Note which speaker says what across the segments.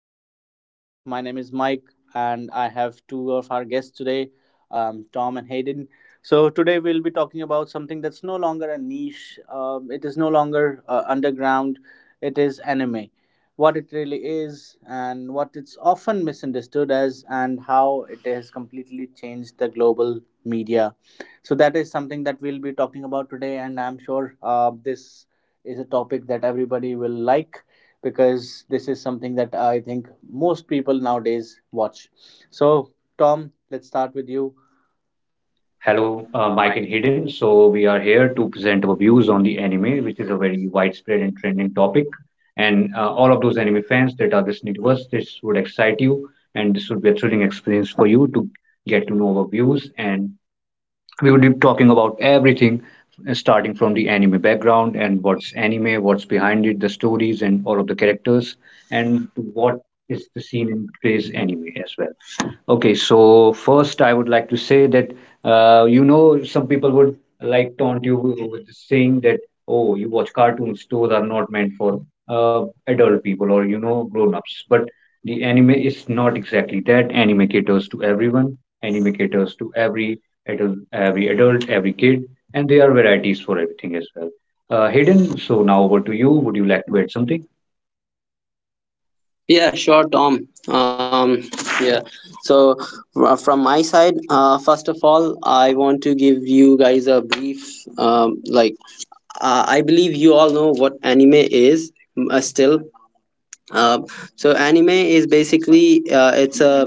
Speaker 1: to our podcast. My name is Mike, and I have two of our guests today, Tom and Hayden. So, today we'll be talking about something that's no longer a niche, it is no longer underground, it is anime. What it really is, and what it's often misunderstood as, and how it has completely changed the global media. So, that is something that we'll be talking about today, and I'm sure this is a topic that everybody will like because this is something that I think most people nowadays watch. So, Tom, let's start with you.
Speaker 2: Hello, Mike and Hayden. So, we are here to present our views on the anime, which is a very widespread and trending topic. And all of those anime fans that are listening to us, this would excite you and this would be a thrilling experience for you to get to know our views. And we will be talking about everything, starting from the anime background and what's anime, what's behind it, the stories, and all of the characters, and what is the scene in today's anime as well. Okay, so first I would like to say that you know, some people would like taunt you with saying that, oh, you watch cartoons, those are not meant for adult people or you know grown-ups, but the anime is not exactly that. Anime caters to everyone. Anime caters to every adult Every adult, every kid, and there are varieties for everything as well. Hayden, so now over to you. Would you like to add something
Speaker 3: Yeah, sure, Tom. Yeah. So, from my side, first of all, I want to give you guys a brief. Um, like, I believe you all know what anime is uh, still, uh, so anime is basically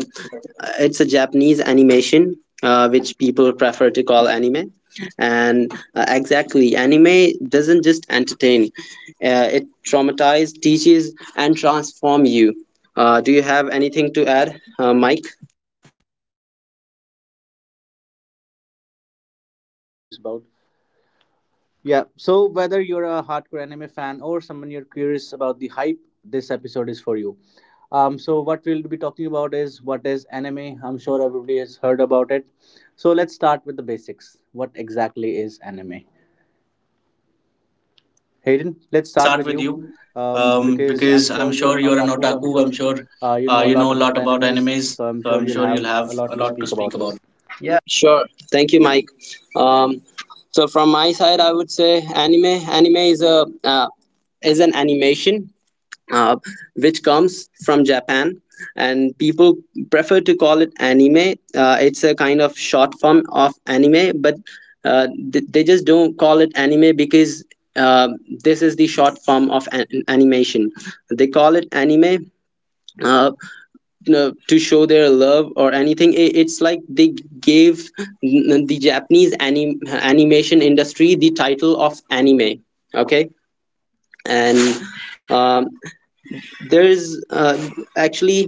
Speaker 3: it's a Japanese animation which people prefer to call anime. And Exactly, anime doesn't just entertain; it traumatizes, teaches, and transform you. Do you have anything to add, Mike?
Speaker 1: Curious about. Yeah, so whether you're a hardcore anime fan or someone you're curious about the hype, this episode is for you. So what we'll be talking about is what is anime. I'm sure everybody has heard about it. So let's start with the basics. What exactly is anime? Hayden,
Speaker 3: Aiden,
Speaker 1: let's
Speaker 3: let's
Speaker 1: start with
Speaker 3: start
Speaker 1: you
Speaker 3: with you
Speaker 1: because I'm
Speaker 3: because I'm
Speaker 1: sure you're
Speaker 3: sure
Speaker 1: an
Speaker 3: you're an
Speaker 1: otaku. I'm
Speaker 3: otaku. I'm
Speaker 1: sure
Speaker 3: sure
Speaker 1: you know a
Speaker 3: you
Speaker 1: lot
Speaker 3: know a
Speaker 1: about
Speaker 3: lot about
Speaker 1: animes.
Speaker 3: animes,
Speaker 1: So I'm
Speaker 3: so
Speaker 1: sure
Speaker 3: I'm
Speaker 1: you'll
Speaker 3: sure
Speaker 1: have
Speaker 3: you'll
Speaker 1: a
Speaker 3: have
Speaker 1: lot to
Speaker 3: a lot
Speaker 1: speak
Speaker 3: to
Speaker 1: about
Speaker 3: speak
Speaker 1: this.
Speaker 3: about.
Speaker 1: Yeah.
Speaker 3: Sure. Thank you, Mike. Um, so from my side, I would say anime is a is an animation uh, which comes from Japan, and people prefer to call it anime. It's a kind of short form of anime, but uh, they just don't call it anime because uh, this is the short form of animation. They call it anime. Uh, to show their love or anything I it's like they gave the japanese animation industry the title of anime. Okay. And um, there's actually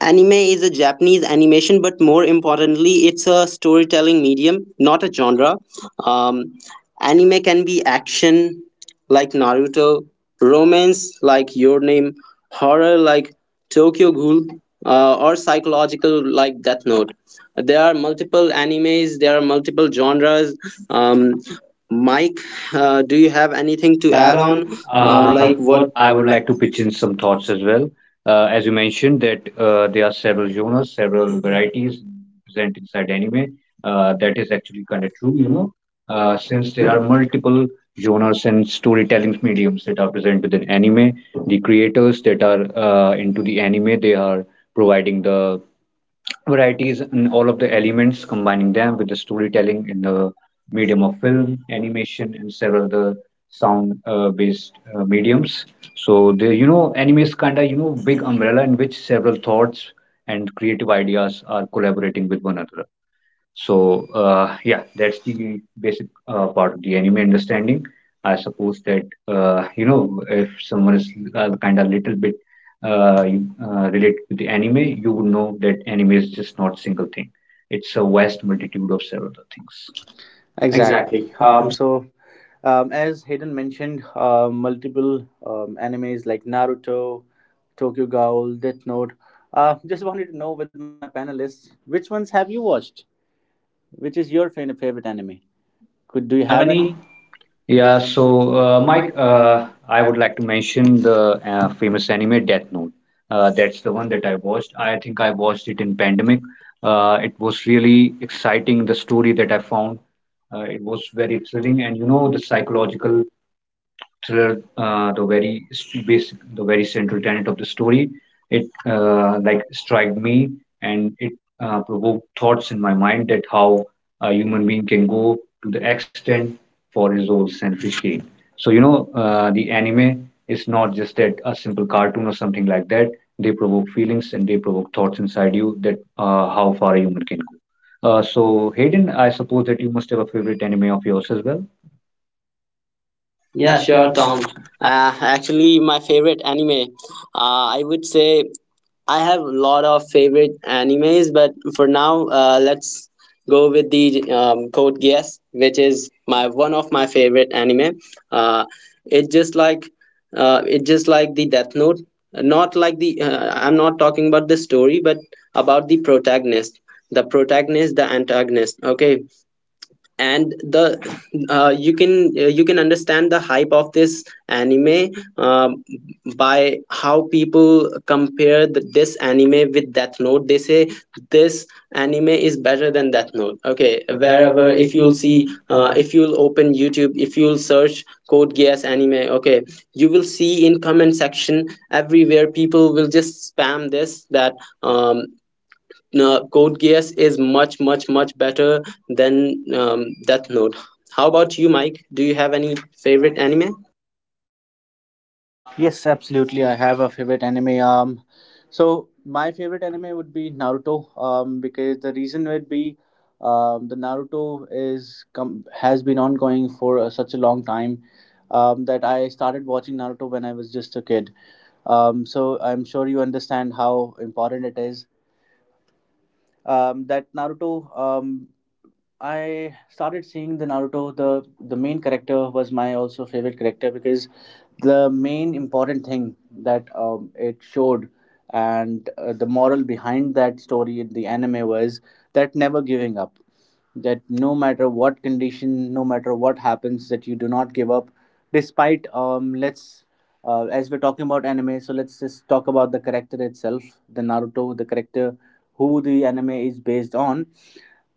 Speaker 3: anime is a Japanese animation, but more importantly, it's a storytelling medium, not a genre. Um, Anime can be action, like Naruto, romance, like Your Name, horror, like Tokyo Ghoul, or psychological, like Death Note. There are multiple animes, there are multiple genres. Um, Mike, do you have anything
Speaker 2: to
Speaker 3: to
Speaker 2: add
Speaker 3: add
Speaker 2: on,
Speaker 3: on? Like
Speaker 2: Like
Speaker 3: what?
Speaker 2: what?
Speaker 3: I
Speaker 2: I
Speaker 3: would
Speaker 2: would
Speaker 3: like
Speaker 2: like
Speaker 3: to
Speaker 2: to
Speaker 3: pitch
Speaker 2: pitch
Speaker 3: in
Speaker 2: in
Speaker 3: some
Speaker 2: some
Speaker 3: thoughts.
Speaker 2: thoughts as well. As you mentioned, that there are several genres, several varieties present inside anime. That is actually kind of true, you know, since there are multiple genres and storytelling mediums that are present within anime. The creators that are into the anime, they are providing the varieties in all of the elements, combining them with the storytelling in the medium of film, animation, and several other sound-based mediums. So the, you know, anime is kind of, you know, big umbrella in which several thoughts and creative ideas are collaborating with one another. So yeah, that's the basic part of the anime understanding. I suppose that you know, if someone is kind of little bit related to the anime, you would know that anime is just not single thing. It's a vast multitude of several things.
Speaker 1: Exactly.
Speaker 2: Exactly.
Speaker 1: So, as Hayden mentioned, multiple animes like Naruto, Tokyo Ghoul, Death Note. Just wanted to know with my panelists, which ones have you watched? Which is your favorite anime? Could do
Speaker 2: Do
Speaker 1: you
Speaker 2: you
Speaker 1: have
Speaker 2: have
Speaker 1: any?
Speaker 2: any? Yeah, so Mike, I would like to mention the famous anime Death Note. That's the one that I watched. I think I watched it in pandemic. It was really exciting, the story that I found. It was very thrilling, and you know, the psychological thriller, the very basic, the very central tenet of the story. It like struck me, and it provoked thoughts in my mind that how a human being can go to the extent for his own selfish gain. So you know, the anime is not just that a simple cartoon or something like that. They provoke feelings and they provoke thoughts inside you that, how far a human can go. So Hayden, I suppose that you must have a favorite anime of yours as well. Yeah,
Speaker 3: Yeah,
Speaker 2: sure,
Speaker 3: sure, Tom.
Speaker 2: Tom.
Speaker 3: Actually, my favorite anime. I would say I have a lot of favorite animes, but for now, let's go with the Code Geass, which is my one of my favorite anime. Uh, it just like it just like the Death Note. Not like the I'm not talking about the story, but about the protagonist, the antagonist. Okay, and the you can understand the hype of this anime uh, by how people compare this anime with Death Note. They say this anime is better than Death Note. Okay, wherever
Speaker 2: Wherever
Speaker 3: if
Speaker 2: if
Speaker 3: you'll
Speaker 2: you'll
Speaker 3: see,
Speaker 2: see
Speaker 3: if you'll open YouTube, if you'll search Code Geass anime, okay, you will see in comment section everywhere people will just spam this that um, Codegeass is much, much, much better than Death Note. How about you, Mike? Do you have any favorite anime?
Speaker 1: Yes, absolutely. I have a favorite anime. So my favorite anime would be Naruto. Because the reason would be, the Naruto has been ongoing for such a long time, that I started watching Naruto when I was just a kid. So I'm sure you understand how important it is. That Naruto. Um, I started seeing the Naruto. The main character was my also favorite character because the main important thing that it showed and the moral behind that story in the anime was that never giving up. That no matter what condition, no matter what happens, that you do not give up. Despite let's as we're talking about anime, so let's just talk about the character itself, the Naruto, the character who the anime is based on.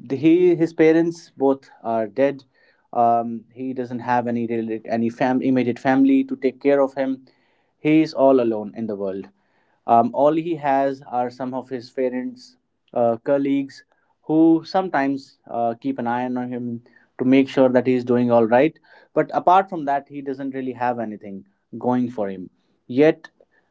Speaker 1: The, he his parents both are dead. He doesn't have any immediate family to take care of him. He is all alone in the world. All he has are some of his parents, colleagues, who sometimes keep an eye on him to make sure that he is doing all right. But apart from that, he doesn't really have anything going for him. Yet,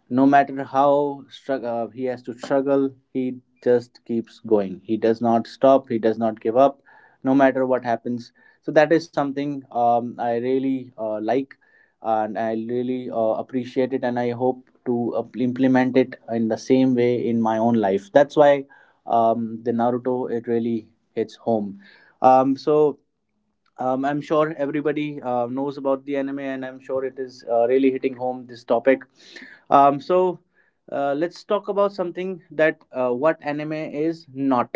Speaker 1: no matter how he has to struggle, he just keeps going. He does not stop. He does not give up, no matter what happens. So that is something, I really like, and I really appreciate it, and I hope to implement it in the same way in my own life. That's why the Naruto it really hits home. um, so I'm sure everybody knows about the anime, and I'm sure it is really hitting home this topic. So let's talk about something that what anime is not.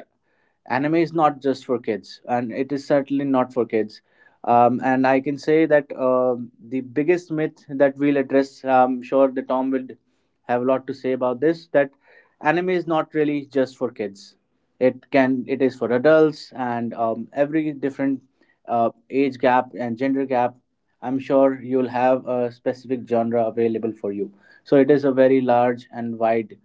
Speaker 1: Anime is not just for kids, and it is certainly not for kids. And I can say that the biggest myth that we'll address, I'm sure the Tom will have a lot to say about this. That anime is not really just for kids. It is for adults, and every different age gap and gender gap. I'm sure you'll have a specific genre available for you, so it is a very large and wide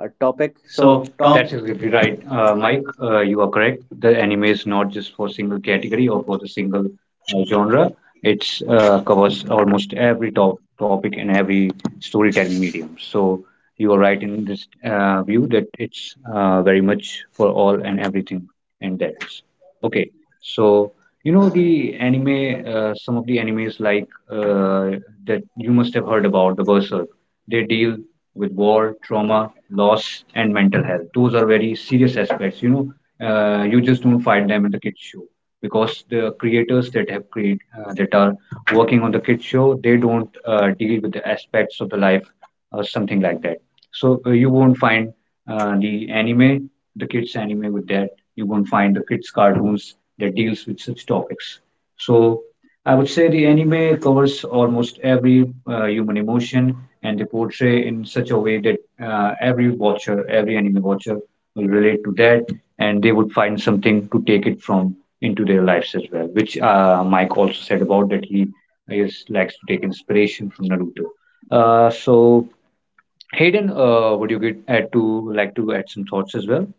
Speaker 1: topic.
Speaker 2: correct. So
Speaker 1: So,
Speaker 2: Tom,
Speaker 1: Tom,
Speaker 2: that is exactly right, Mike. You are correct. The anime is not just for single category or for the single genre. It's covers almost every topic and every storytelling medium. So you are right in this view that it's very much for all and everything, and that is okay. So you know, the anime, some of the animes like that you must have heard about, the Berserk. They deal with war, trauma, loss, and mental health. Those are very serious aspects. You know, you just don't find them in the kids show, because the creators that have create that are working on the kids show, they don't deal with the aspects of the life or something like that. So you won't find the anime, the kids anime with that. You won't find the kids cartoons that deals with such topics. So I would say the anime covers almost every human emotion, and they portray in such a way that every watcher, every anime watcher will relate to that, and they would find something to take it from into their lives as well, which Mike also said about, that he is likes to take inspiration from Naruto. So Hayden, would you get add to like to add some thoughts as well?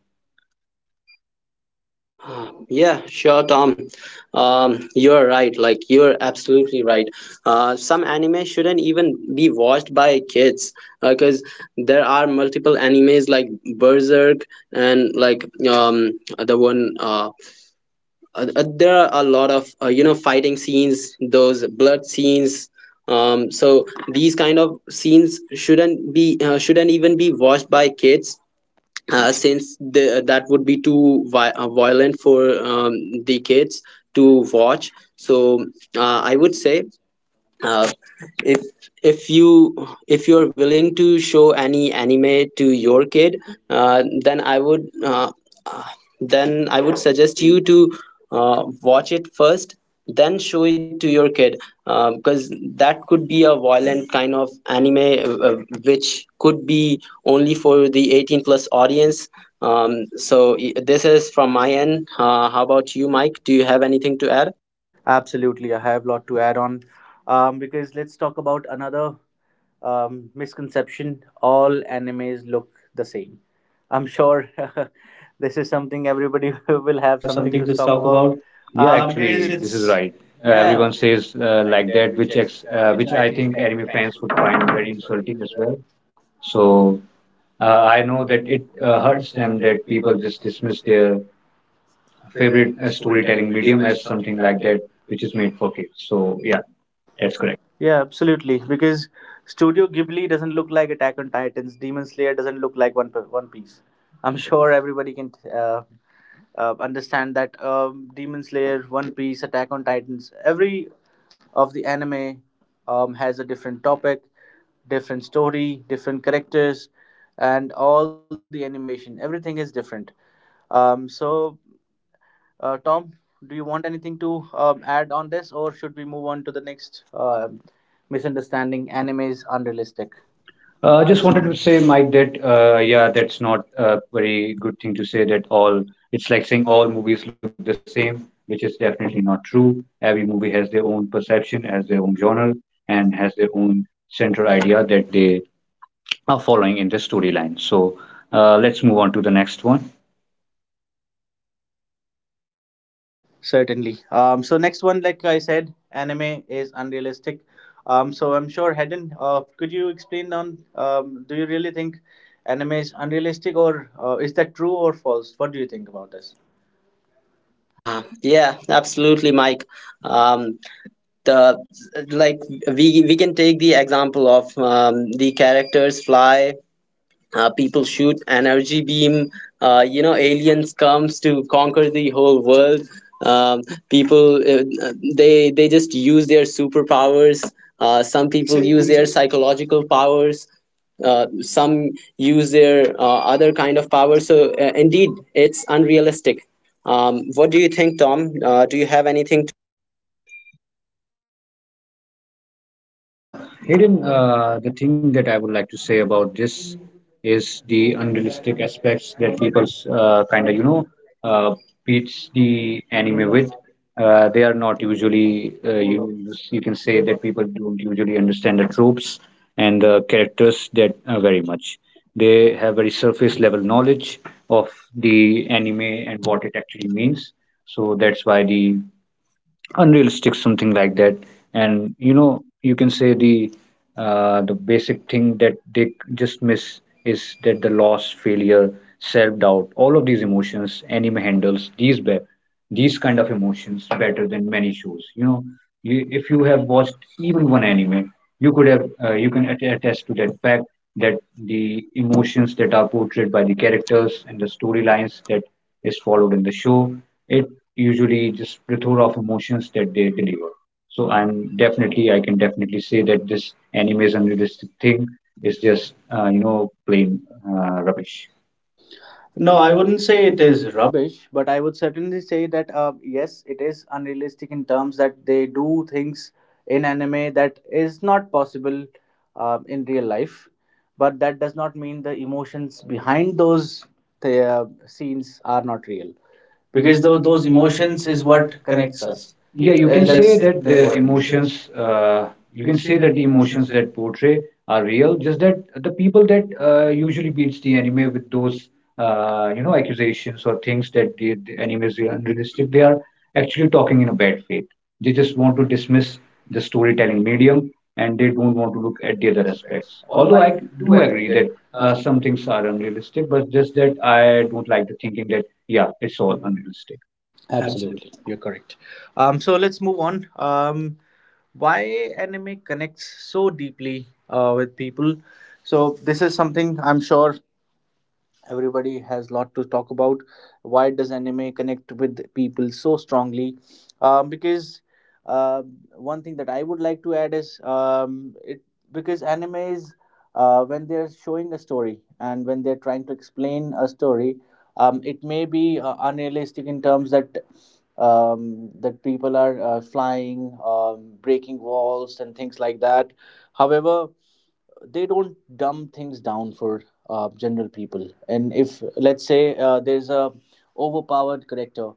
Speaker 3: Yeah, sure, Tom. You're right. You're absolutely right. Some anime shouldn't even be watched by kids because there are multiple animes like Berserk and the one uh there are a lot of you know fighting scenes, those blood scenes. um, so these kind of scenes shouldn't even be watched by kids, since that would be too violent for the kids to watch. So I would say, uh, if if you if you're willing to show any anime to your kid, uh, then i would uh, uh, then I would suggest you to watch it first, then show it to your kid, because that could be a violent kind of anime uh, uh, which could be only for the 18 plus audience. This is from my end. How about you, Mike? Do you have anything to add?
Speaker 1: absolutely, I have a lot to add on. Because let's talk about another misconception. All animes look the same. I'm sure this is something everybody will
Speaker 2: We'll
Speaker 1: have
Speaker 2: have
Speaker 1: something
Speaker 2: something
Speaker 1: to
Speaker 2: to
Speaker 1: talk
Speaker 2: talk
Speaker 1: about.
Speaker 2: about.
Speaker 1: Uh,
Speaker 2: Yeah, because
Speaker 1: because
Speaker 2: actually,
Speaker 1: it's
Speaker 2: this is it's right. Yeah, everyone says like that, which ex which I think anime fans would find very insulting as well. So I know that it hurts them that people just dismiss their favorite storytelling medium as something like that, which is made for kids. So yeah, that's correct.
Speaker 1: Yeah, absolutely. Because Studio Ghibli doesn't look like Attack on Titans. Demon Slayer doesn't look like One Piece. I'm sure everybody can understand that Demon Slayer, One Piece, Attack on Titans, every of the anime has a different topic, different story, different characters, and all the animation. Everything is different. So, Tom, do you want anything to add on this, or should we move on to the next misunderstanding? Anime is unrealistic.
Speaker 2: Just wanted to say, Mike, that yeah, that's not a very good thing to say, that all it's like saying all movies look the same, which is definitely not true. Every movie has their own perception, has their own genre, and has their own central idea that they are following in the storyline. So let's move on to the next one.
Speaker 1: Certainly. So next one, like I said, anime is unrealistic. So I'm sure Hedden, could you explain on? Do you really think anime is unrealistic, or is that true or false? What do you think about this?
Speaker 3: Yeah Absolutely, Mike. Um, the like we we can take the example of, the characters fly, people shoot energy beam, you know, aliens comes to conquer the whole world. um, People, they just use their superpowers. Some people use their psychological powers. Some use their other kind of power. So indeed it's unrealistic. What do you think, Tom? Do you have anything to?
Speaker 2: Uh, Hayden, the thing that I would like to say about this is the unrealistic aspects that people kind of, you know, uh, beats the anime with. They are not usually, you can say that people don't usually understand the tropes and the characters that very much. They have very surface level knowledge of the anime and what it actually means. So that's why the unrealistic something like that, and you know, you can say the basic thing that they just miss is that the loss, failure, self-doubt, all of these emotions, anime handles these these kind of emotions better than many shows. You know, if you have watched even one anime, you could have you can attest to that fact, that the emotions that are portrayed by the characters and the storylines that is followed in the show, it usually just plethora of emotions that they deliver. So I'm definitely, I can definitely say that this anime is unrealistic thing is just, you know, plain rubbish.
Speaker 1: No,
Speaker 2: No,
Speaker 1: I
Speaker 2: I wouldn't
Speaker 1: wouldn't
Speaker 2: say
Speaker 1: say
Speaker 2: it
Speaker 1: it is
Speaker 2: is rubbish.
Speaker 1: rubbish, but I would certainly say that yes, it is unrealistic in terms that they do things in anime that is not possible in real life. But that does not mean the emotions behind those scenes are not real, because
Speaker 2: Because those
Speaker 1: those emotions
Speaker 2: emotions is
Speaker 1: is
Speaker 2: what
Speaker 1: what
Speaker 2: connects
Speaker 1: connects
Speaker 2: us.
Speaker 1: us.
Speaker 2: Yeah, you can And say that's that the emotions, uh, you can say that the emotions that portray are real, just that the people that usually beats the anime with those, you know, accusations or things that the anime is unrealistic, they are actually talking in a bad faith. They just want to dismiss the storytelling medium, and they don't want to look at the other aspects. Although I do agree that some things are unrealistic, but just that I don't like the thinking that, yeah, it's all unrealistic. Absolutely.
Speaker 1: Absolutely, you're correct. So let's move on. Why anime connects so deeply with people. So this is something I'm sure everybody has a lot to talk about. Why does anime connect with people so strongly? Because uh, one thing that I would like to add is, it because anime is, when they're showing a story and when they're trying to explain a story, it may be unrealistic in terms that, people are flying, breaking walls and things like that. However, they don't dumb things down for general people, and if, let's say, there's a overpowered character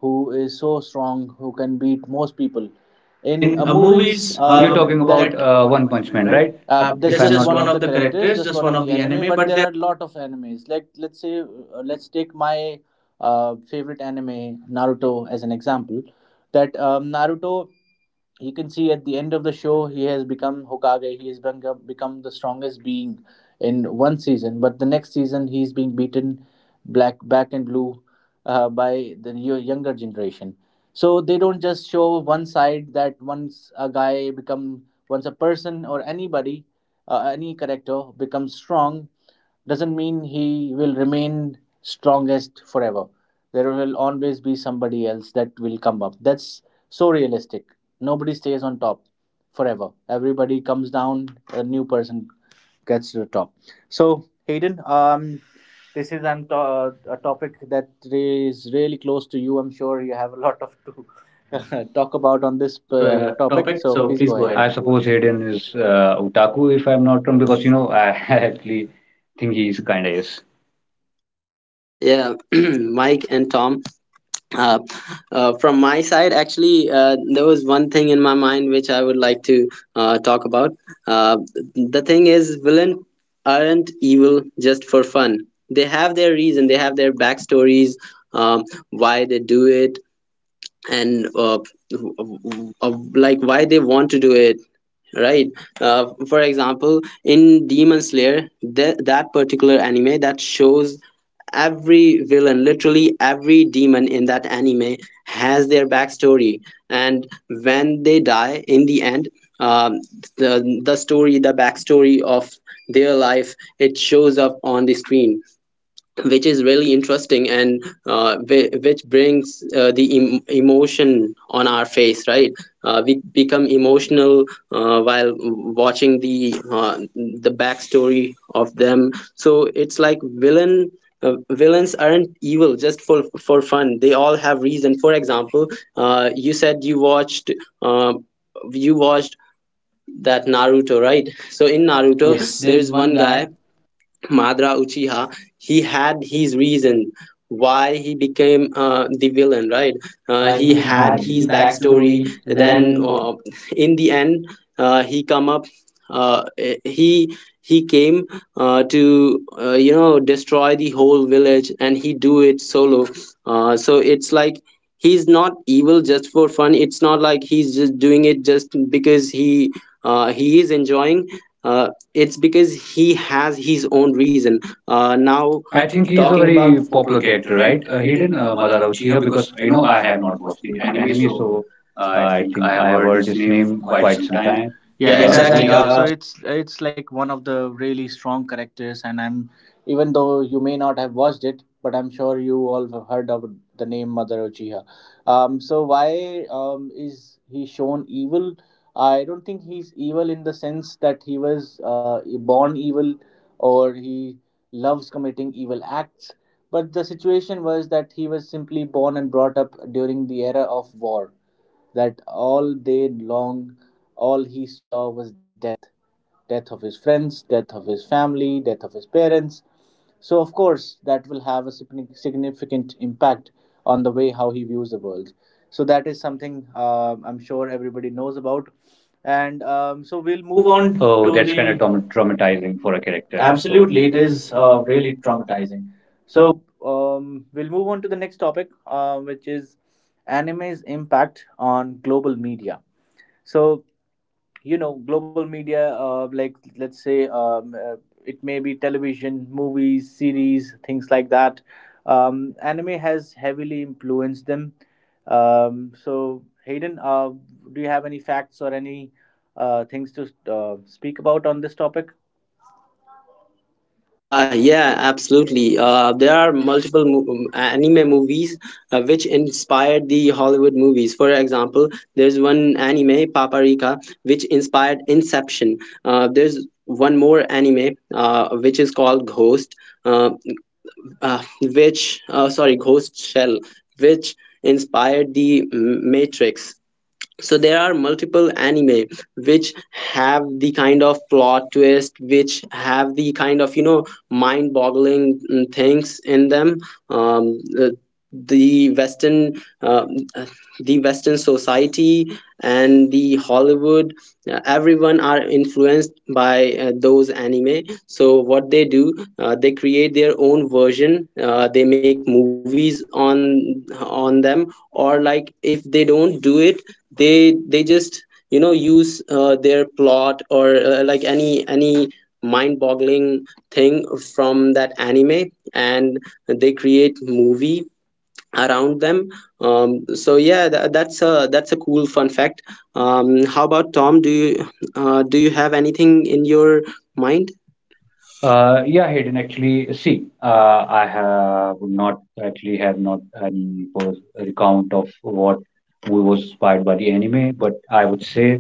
Speaker 1: who is so strong, who can beat most people in
Speaker 2: In
Speaker 1: movies.
Speaker 2: movies,
Speaker 1: uh,
Speaker 2: you're talking about that, One Punch Man, right?
Speaker 1: uh,
Speaker 2: If
Speaker 1: of
Speaker 2: that's I'm just not one wrong of
Speaker 1: the
Speaker 2: the
Speaker 1: characters,
Speaker 2: characters,
Speaker 1: just
Speaker 2: just
Speaker 1: one
Speaker 2: one
Speaker 1: of
Speaker 2: of
Speaker 1: the
Speaker 2: the
Speaker 1: anime.
Speaker 2: anime,
Speaker 1: But
Speaker 2: but
Speaker 1: there
Speaker 2: they
Speaker 1: are a lot of animes. Like, let's say, let's take my favorite anime Naruto as an example. That Naruto, you can see at the end of the show, he has become Hokage. He has become the strongest being in one season. But the next season, he's being beaten black, back and blue by the younger generation. So they don't just show one side that once a person or anybody, any character becomes strong, doesn't mean he will remain strongest forever. There will always be somebody else that will come up. That's so realistic. Nobody stays on top forever. Everybody comes down, a new person gets to the top. So, Hayden, this is a topic that is really close to you. I'm sure you have a lot of to talk about on this
Speaker 2: this
Speaker 1: topic.
Speaker 2: topic.
Speaker 1: So,
Speaker 2: So
Speaker 1: please
Speaker 2: please
Speaker 1: go
Speaker 2: go ahead.
Speaker 1: ahead.
Speaker 2: I suppose Hayden is otaku, if I'm not wrong, because you know, I actually think he's kind of is.
Speaker 3: Yeah. Mike and Tom, uh, from my side, actually, there was one thing in my mind which I would like to talk about. Uh, the thing is, villains aren't evil just for fun. They have their reason. They have their backstories, um, why they do it, and why they want to do it, right? For example, in Demon Slayer, that particular anime that shows every villain, literally every demon in that anime, has their backstory. And when they die in the end, um, the story, the backstory of their life, it shows up on the screen, which is really interesting. And which brings emotion on our face, right? We become emotional while watching the backstory of them. So it's like villain villains aren't evil just for fun. They all have reason. For example, uh, you said you watched uh, you watched that Naruto, right? So in
Speaker 1: Hunter,
Speaker 3: Naruto,
Speaker 1: yes,
Speaker 3: Yes.
Speaker 1: there is
Speaker 3: there's
Speaker 1: one
Speaker 3: one
Speaker 1: guy,
Speaker 3: guy, Madara Uchiha. He had his reason why he became the villain, right?
Speaker 1: he
Speaker 3: He
Speaker 2: He
Speaker 1: had,
Speaker 3: had Mm.
Speaker 2: had
Speaker 1: mhm, his
Speaker 3: his
Speaker 2: his
Speaker 3: backstory.
Speaker 1: backstory,
Speaker 2: backstory,
Speaker 1: then
Speaker 3: Then,
Speaker 2: then
Speaker 3: in the end, he come up. Eh, he came to you know, destroy the whole village, and he do it solo. So it's like he's not evil just for fun. It's not like he's just doing it just because he is enjoying. Uh, it's because he has his own reason. Now
Speaker 2: I think he's a talking
Speaker 3: Talking about,
Speaker 2: very about popular character, right? Hidden Madara Uchiha, because you know, I have not watched the anime, so I think I have heard his name quite some time
Speaker 1: yeah,
Speaker 2: yeah,
Speaker 3: yeah,
Speaker 2: ago.
Speaker 1: exactly.
Speaker 3: exactly.
Speaker 2: Exactly.
Speaker 1: uh, so it's like one of the really strong characters, and I'm, even though you may not have watched it, but I'm sure you all have heard of the name Mother Uchiha. So why is he shown evil? I don't think he's evil in the sense that he was born evil, or he loves committing evil acts. But the situation was that he was simply born and brought up during the era of war, that all day long all he saw was death, death of his friends, death of his family, death of his parents. So, of course, that will have a significant impact on the way how he views the world. So, that is something, I'm sure everybody knows about. And we'll
Speaker 2: We'll
Speaker 1: move
Speaker 2: move
Speaker 1: on.
Speaker 2: on. Oh, to that's kind of the traumatizing for a character. So
Speaker 1: Absolutely,
Speaker 2: absolutely.
Speaker 1: it
Speaker 2: It
Speaker 1: is
Speaker 2: is
Speaker 1: really
Speaker 2: really
Speaker 1: traumatizing.
Speaker 2: traumatizing. So
Speaker 1: So, we'll move on to the next topic, which is anime's impact on global media. So, global media, like let's say, it may be television, movies, series, things like that. Anime has heavily influenced them. So, Hayden, do you have any facts or any things to speak about on this topic?
Speaker 3: Ah, yeah, absolutely. There are multiple anime movies which inspired the Hollywood movies. For example, there's one anime, Paprika, which inspired Inception. There's one more anime which is called Ghost. Uh, which Sorry, Ghost Shell, which inspired Matrix. So there are multiple anime which have the kind of plot twist, which have the kind of, you know, mind boggling things in them. um, the, the western, uh, the western society and the Hollywood, everyone are influenced by those anime. So what they do, they create their own version. They make movies on them, or like if they don't do it, they just, you know, use their plot, or any mind-boggling thing from that anime, and they create movie around them. Yeah, that's a cool fun fact. How about Tom? Do you, do you have anything in your mind?
Speaker 2: Yeah, Hayden. Actually, see, I have not any recount of what we was inspired by the anime, but I would say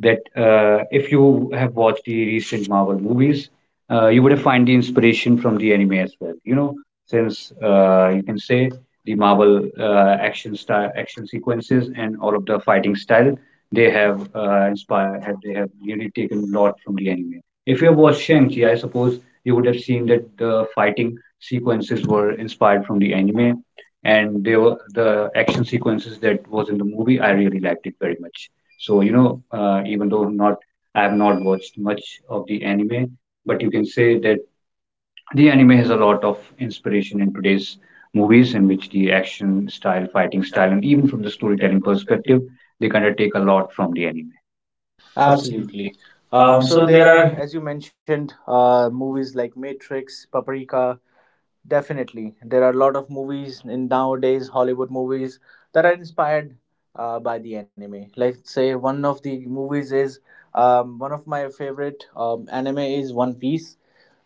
Speaker 2: that if you have watched the recent Marvel movies, you would have find the inspiration from the anime as well. You know, since you can say the Marvel action style, action sequences, and all of the fighting style, they have they have really taken a lot from the anime. If you have watched Shang-Chi, I suppose you would have seen that the fighting sequences were inspired from the anime, and they were the action sequences that was in the movie. I really liked it very much. So you know, even though not I have not watched much of the anime, but you can say that the anime has a lot of inspiration in today's movies, in which the action style, fighting style, and even from the storytelling perspective, they kind of take a lot from the anime. Absolutely.
Speaker 1: Absolutely. So
Speaker 2: So there
Speaker 1: there are,
Speaker 2: are
Speaker 1: as you mentioned, movies like Matrix, Paprika. Definitely, there are a lot of movies in nowadays Hollywood movies that are inspired by the anime. Let's say, one of the movies is, one of my favorite anime is One Piece.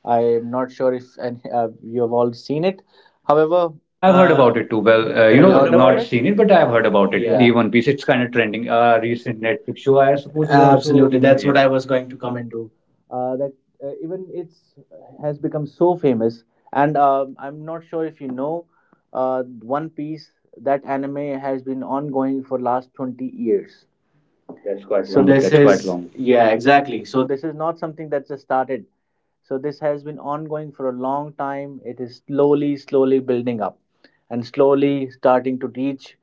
Speaker 1: I am not sure if and you have all seen it. However,
Speaker 2: I've heard about it too. Well, you have you know, heard about not it? Seen it, but I've heard about it. Yeah. The One Piece, it's kind of trending. A recent Netflix show, I suppose, is also absolutely. In that's
Speaker 1: that's
Speaker 2: it. What
Speaker 1: what
Speaker 2: it. I
Speaker 1: I
Speaker 2: was
Speaker 1: was
Speaker 2: going
Speaker 1: going
Speaker 2: to
Speaker 1: to
Speaker 2: come
Speaker 1: come
Speaker 2: into.
Speaker 1: into. That Even it's has become so famous, and I'm not sure if you know One Piece. That anime has been ongoing for last 20 years.
Speaker 2: It's quite. So long. This. That's quite is long. Yeah,
Speaker 1: Yeah,
Speaker 2: exactly.
Speaker 1: exactly.
Speaker 2: So
Speaker 1: So this is not something that just started. So this has been ongoing for a long time. It is slowly, slowly building up and slowly starting to reach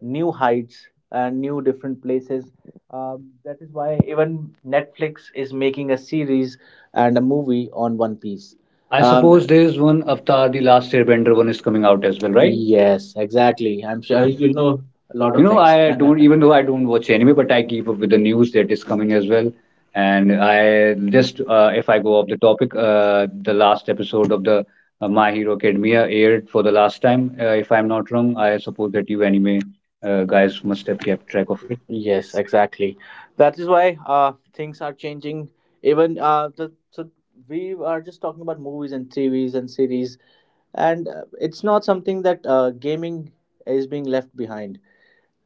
Speaker 1: new heights and new different places. That is why even Netflix is making a series and a movie on One Piece.
Speaker 2: I suppose there is one Avatar, the Last Airbender one is coming out as well, right?
Speaker 1: Yes,
Speaker 2: Yes,
Speaker 1: exactly.
Speaker 2: exactly.
Speaker 1: I'm
Speaker 2: I'm sure
Speaker 1: sure you'll
Speaker 2: you know
Speaker 1: know a
Speaker 2: a lot.
Speaker 1: lot.
Speaker 2: Things. I don't, even though I don't watch anime, but I keep up with the news that is coming as well. And I just, if I go off the topic, the last episode of the My Hero Academia aired for the last time. If I'm not wrong, I suppose that you anime guys must have kept track of it.
Speaker 1: Yes,
Speaker 2: Yes,
Speaker 1: exactly. That is why things are changing. Even the so we are just talking about movies and TVs and series, and it's not something that gaming is being left behind.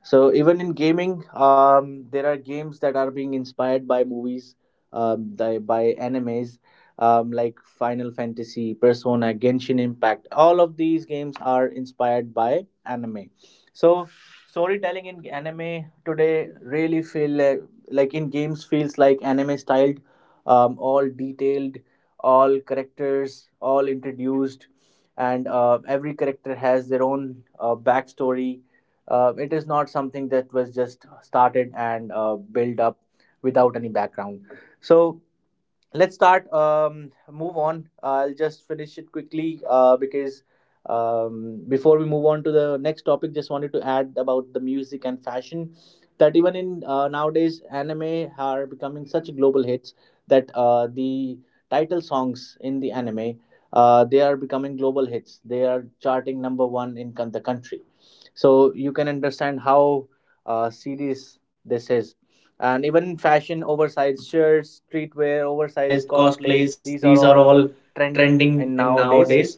Speaker 1: So even in gaming, there are games that are being inspired by movies, by animes, like Final Fantasy, Persona, Genshin Impact. All of these games are inspired by anime. So storytelling in anime today really feel like in games feels like anime styled, all detailed, all characters, all introduced, and every character has their own backstory. Uh, it is not something that was just started and built up without any background. So let's start move on I'll just finish it quickly, because before we move on to the next topic, just wanted to add about the music and fashion, that even in nowadays anime are becoming such global hits, that the title songs in the anime, they are becoming global hits. They are charting number 1 in the country. So you can understand how serious this is. And even fashion, oversized shirts, streetwear, oversized
Speaker 2: oversized
Speaker 1: cosplays,
Speaker 2: cosplays.
Speaker 1: these are
Speaker 2: These are
Speaker 1: all
Speaker 2: all
Speaker 1: trending
Speaker 2: trending
Speaker 1: in
Speaker 2: in
Speaker 1: nowadays.
Speaker 2: nowadays.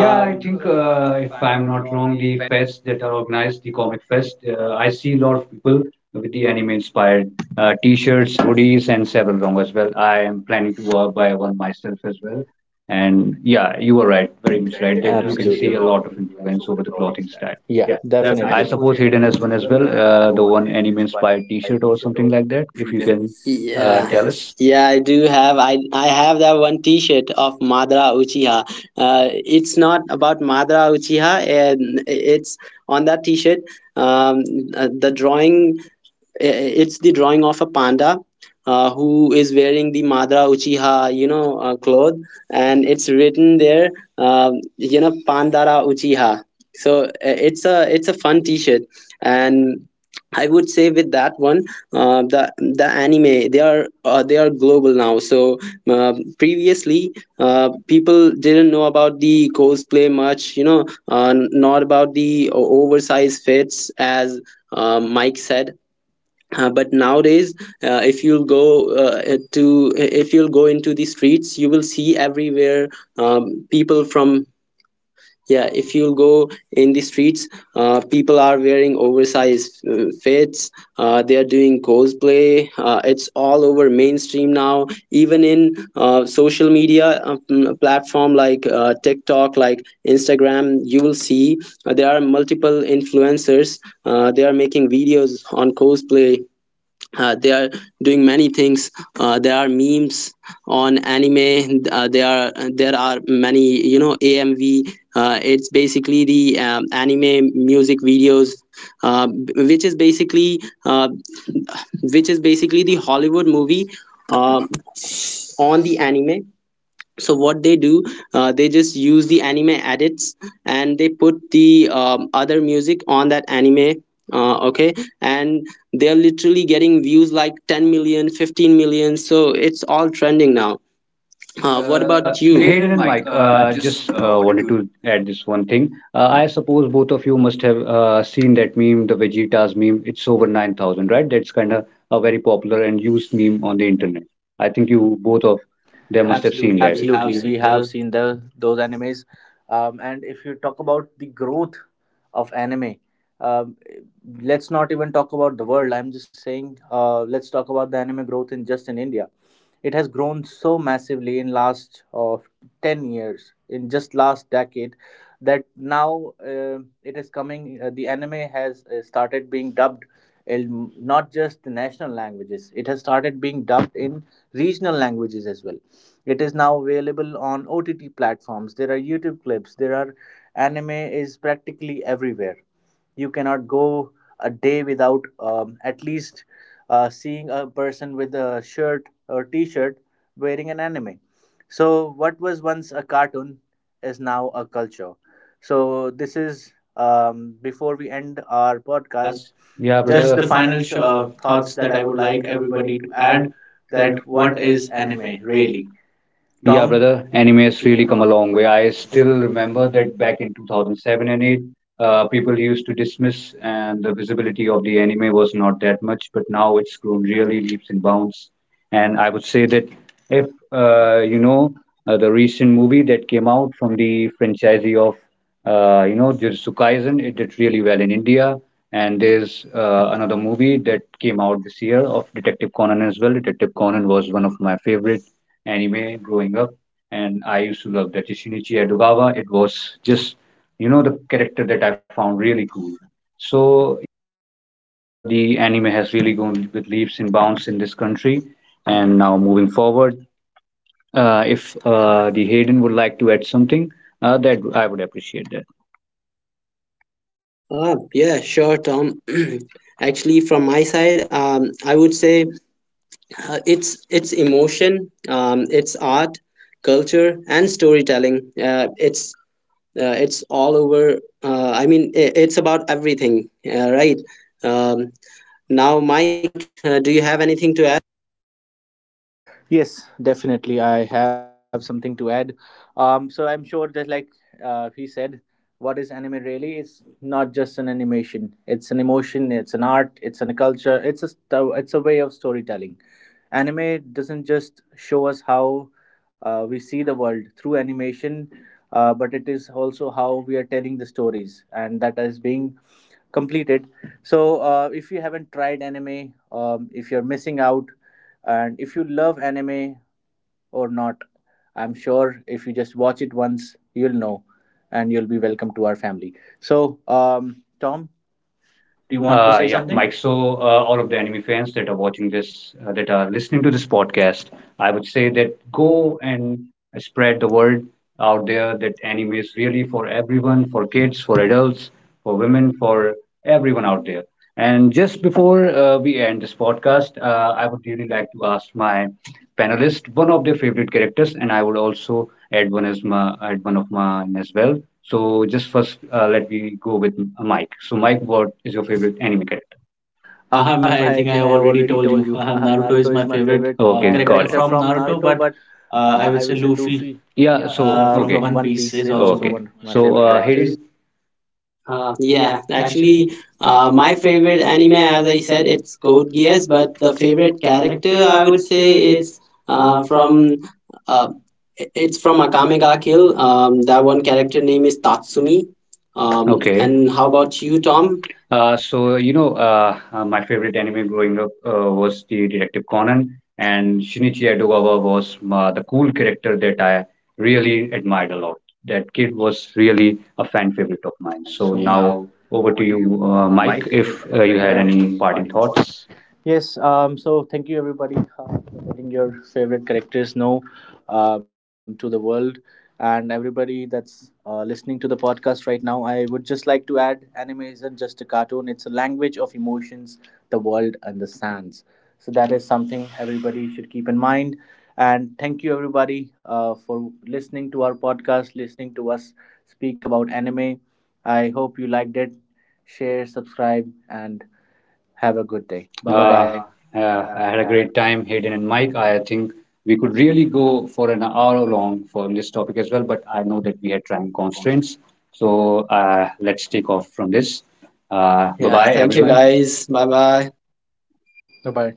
Speaker 2: Yeah, I think if I'm not wrong, the fests that are organized, the comic fest, I see a lot of people with the anime inspired t-shirts, hoodies, and several long as well. I am planning to buy one myself as well. And yeah, you are right, very much right, that you can see a, absolutely, lot of influence over the clothing style.
Speaker 1: Yeah,
Speaker 2: Yeah, I
Speaker 1: definitely.
Speaker 2: definitely suppose Hayden has one as well, the one anime inspired t-shirt or something like that, if you can Yeah. tell
Speaker 3: Yeah.
Speaker 2: us.
Speaker 3: Yeah, I do have. I have that one T-shirt of Madara Uchiha. It's not about Madara Uchiha, and it's on that T-shirt. Um, the drawing, uh, it's the drawing of a panda who is wearing the Madara Uchiha, you know, cloth, and it's written there, you know, Pandara Uchiha. So it's a it's a fun T-shirt, and I would say with that one, the anime, they are global now. So previously, people didn't know about the cosplay much, you know, not about the oversized fits, as Mike said. But Nowadays, if you'll go into the streets, you will see everywhere, people from yeah if you'll go in the streets, people are wearing oversized fits. They are doing cosplay. It's all over mainstream now, even in social media, platform like TikTok, like Instagram. You will see, there are multiple influencers. They are making videos on cosplay. They are doing many things. There are memes on anime. There are there are many, you know, AMV. It's basically the, anime music videos, uh, which is basically uh, which is basically the Hollywood movie uh, on the anime. So what they do, they just use the anime edits, and they put the, other music on that anime. Okay and they're literally getting views like 10 million, 15 million. So it's all trending now. What
Speaker 2: Uh,
Speaker 3: about you,
Speaker 2: Hayden
Speaker 3: Hayden?
Speaker 2: and Mike, just wanted to add this one thing. I suppose both of you must have seen that meme, the Vegeta's meme. It's over 9,000, right? That's kind of a very popular and used meme on the internet. I think you both of them must have seen. Absolutely,
Speaker 1: We
Speaker 2: that we have
Speaker 1: have
Speaker 2: seen
Speaker 1: seen
Speaker 2: the
Speaker 1: the those animes, and if you talk about the growth of anime, um, let's not even talk about the world. I'm just saying, let's talk about the anime growth in just in India. It has grown so massively in last of 10 years, in just last decade, that now uh, it is coming the anime has started being dubbed in not just the national languages. It has started being dubbed in regional languages as well. It is now available on OTT platforms. There are YouTube clips. There are Anime is practically everywhere. You cannot go a day without at least seeing a person with a shirt or T-shirt wearing an anime. So what was once a cartoon is now a culture. So this is, before we end our podcast.
Speaker 2: podcast. Yeah, just
Speaker 1: The
Speaker 2: brother, the
Speaker 1: final
Speaker 2: final
Speaker 1: thoughts
Speaker 2: thoughts
Speaker 1: that
Speaker 2: that
Speaker 1: I
Speaker 2: I
Speaker 1: would
Speaker 2: would
Speaker 1: like
Speaker 2: like
Speaker 1: everybody
Speaker 2: everybody to
Speaker 1: to add,
Speaker 2: add,
Speaker 1: that
Speaker 2: that
Speaker 1: what
Speaker 2: what
Speaker 1: is
Speaker 2: is
Speaker 1: anime
Speaker 2: anime
Speaker 1: really?
Speaker 2: really? Yeah, Tom, brother, anime has really come a long way. I still remember that back in 2007 and 8. People used to dismiss, and the visibility of the anime was not that much, but now it's grown really leaps and bounds. And I would say that if you know the recent movie that came out from the franchisee of you know Jujutsu Kaisen, it did really well in India. And there's another movie that came out this year of Detective Conan as well. Detective Conan was one of my favorite anime growing up, and I used to love that Shinichi Edogawa. It was just, you know, the character that I found really cool. So the anime has really gone with leaps and bounds in this country. And now moving forward, if the Hayden would like to add something, that I would appreciate that.
Speaker 3: Ah, yeah, sure, Tom. Actually, from my side, I would say uh, it's it's emotion, it's art, culture, and storytelling. Uh, it's it's all over. I mean I It's about everything, right? um, now Mike, do you have anything to add?
Speaker 1: Yes, definitely. I have something to add. So I'm sure that, like he said, what is anime really? It's not just an animation. It's an emotion. It's an art. It's an culture. It's a it's a way of storytelling. Anime doesn't just show us how we see the world through animation, but it is also how we are telling the stories, and that is being completed. So, if you haven't tried anime, if you're missing out, and if you love anime or not, I'm sure if you just watch it once, you'll know and you'll be welcome to our family. So, Tom,
Speaker 2: Do
Speaker 1: do
Speaker 2: you
Speaker 1: you
Speaker 2: want
Speaker 1: want
Speaker 2: to say, yeah, something, Mike? So all of the anime fans that are watching this, that are listening to this podcast, I would say that go and spread the word out there that anime is really for everyone, for kids, for adults, for women, for everyone out there. And just before we end this podcast, I would really like to ask my panelist one of their favorite characters, and I would also add one as my add one of mine as well. So just first, let me go with Mike. So Mike, what is your favorite anime character?
Speaker 1: I
Speaker 2: I
Speaker 1: think
Speaker 2: think
Speaker 1: I
Speaker 2: I
Speaker 1: have already
Speaker 2: already
Speaker 1: told
Speaker 2: told
Speaker 1: you.
Speaker 2: you. Naruto
Speaker 1: Naruto is
Speaker 2: is
Speaker 1: my
Speaker 2: my
Speaker 1: favorite.
Speaker 2: favorite. Okay, got character it
Speaker 1: From
Speaker 2: from
Speaker 1: Naruto,
Speaker 2: Naruto,
Speaker 1: but
Speaker 2: but I
Speaker 1: I would
Speaker 2: would
Speaker 1: say
Speaker 2: say
Speaker 1: Luffy.
Speaker 2: Luffy. Yeah, so from okay,
Speaker 1: One
Speaker 2: One
Speaker 1: Piece
Speaker 2: Piece
Speaker 1: is
Speaker 2: is also okay,
Speaker 1: also.
Speaker 2: one of my so favorite characters. Hayden, yeah,
Speaker 3: Yeah
Speaker 2: actually,
Speaker 3: actually
Speaker 2: my
Speaker 3: My
Speaker 2: favorite
Speaker 3: favorite
Speaker 2: anime,
Speaker 3: anime,
Speaker 2: as
Speaker 3: as
Speaker 2: I
Speaker 3: I
Speaker 2: said,
Speaker 3: said,
Speaker 2: it's
Speaker 3: it's
Speaker 2: Code
Speaker 3: Code
Speaker 2: Geass,
Speaker 3: Geass, but
Speaker 2: but
Speaker 3: the
Speaker 2: the favorite
Speaker 3: favorite character
Speaker 2: character I
Speaker 3: I
Speaker 2: would
Speaker 3: would say
Speaker 2: say it's
Speaker 3: it's uh, from
Speaker 2: from
Speaker 3: uh,
Speaker 2: uh, it's
Speaker 3: it's
Speaker 2: from
Speaker 3: from Akame
Speaker 2: Akame
Speaker 3: ga
Speaker 2: ga
Speaker 3: Kill.
Speaker 2: Kill. That
Speaker 3: That
Speaker 2: one
Speaker 3: one
Speaker 2: character
Speaker 3: character name
Speaker 2: name is
Speaker 3: is Tatsumi.
Speaker 2: Tatsumi.
Speaker 3: Um,
Speaker 2: Okay, and
Speaker 3: and How
Speaker 2: how about
Speaker 3: about
Speaker 2: you,
Speaker 3: you, Tom?
Speaker 2: Tom? So you know, my favorite anime growing up was the Detective Conan, and Shinichi Edogawa was the cool character that I really admired a lot. That kid was really a fan favorite of mine. So, yeah, now over to you, Mike, if you had any parting thoughts.
Speaker 1: Yes, so thank you everybody for letting your favorite characters know, to the world, and everybody that's listening to the podcast right now. I would just like to add, anime isn't just a cartoon, it's a language of emotions, the world, and the sands. So that is something everybody should keep in mind. And thank you everybody for listening to our podcast, listening to us speak about anime. I hope you liked it. Share, subscribe, and have a good day.
Speaker 2: I had a great time, Hayden and Mike. I think we could really go for an hour long for this topic as well, but I know that we had time constraints. So let's take off from this. Yeah, bye bye,
Speaker 3: Yeah,
Speaker 2: everyone, thank
Speaker 3: thank
Speaker 2: you
Speaker 3: you
Speaker 2: everyone, guys.
Speaker 3: guys.
Speaker 2: Bye
Speaker 3: Bye
Speaker 2: bye.
Speaker 3: bye.
Speaker 1: Bye bye.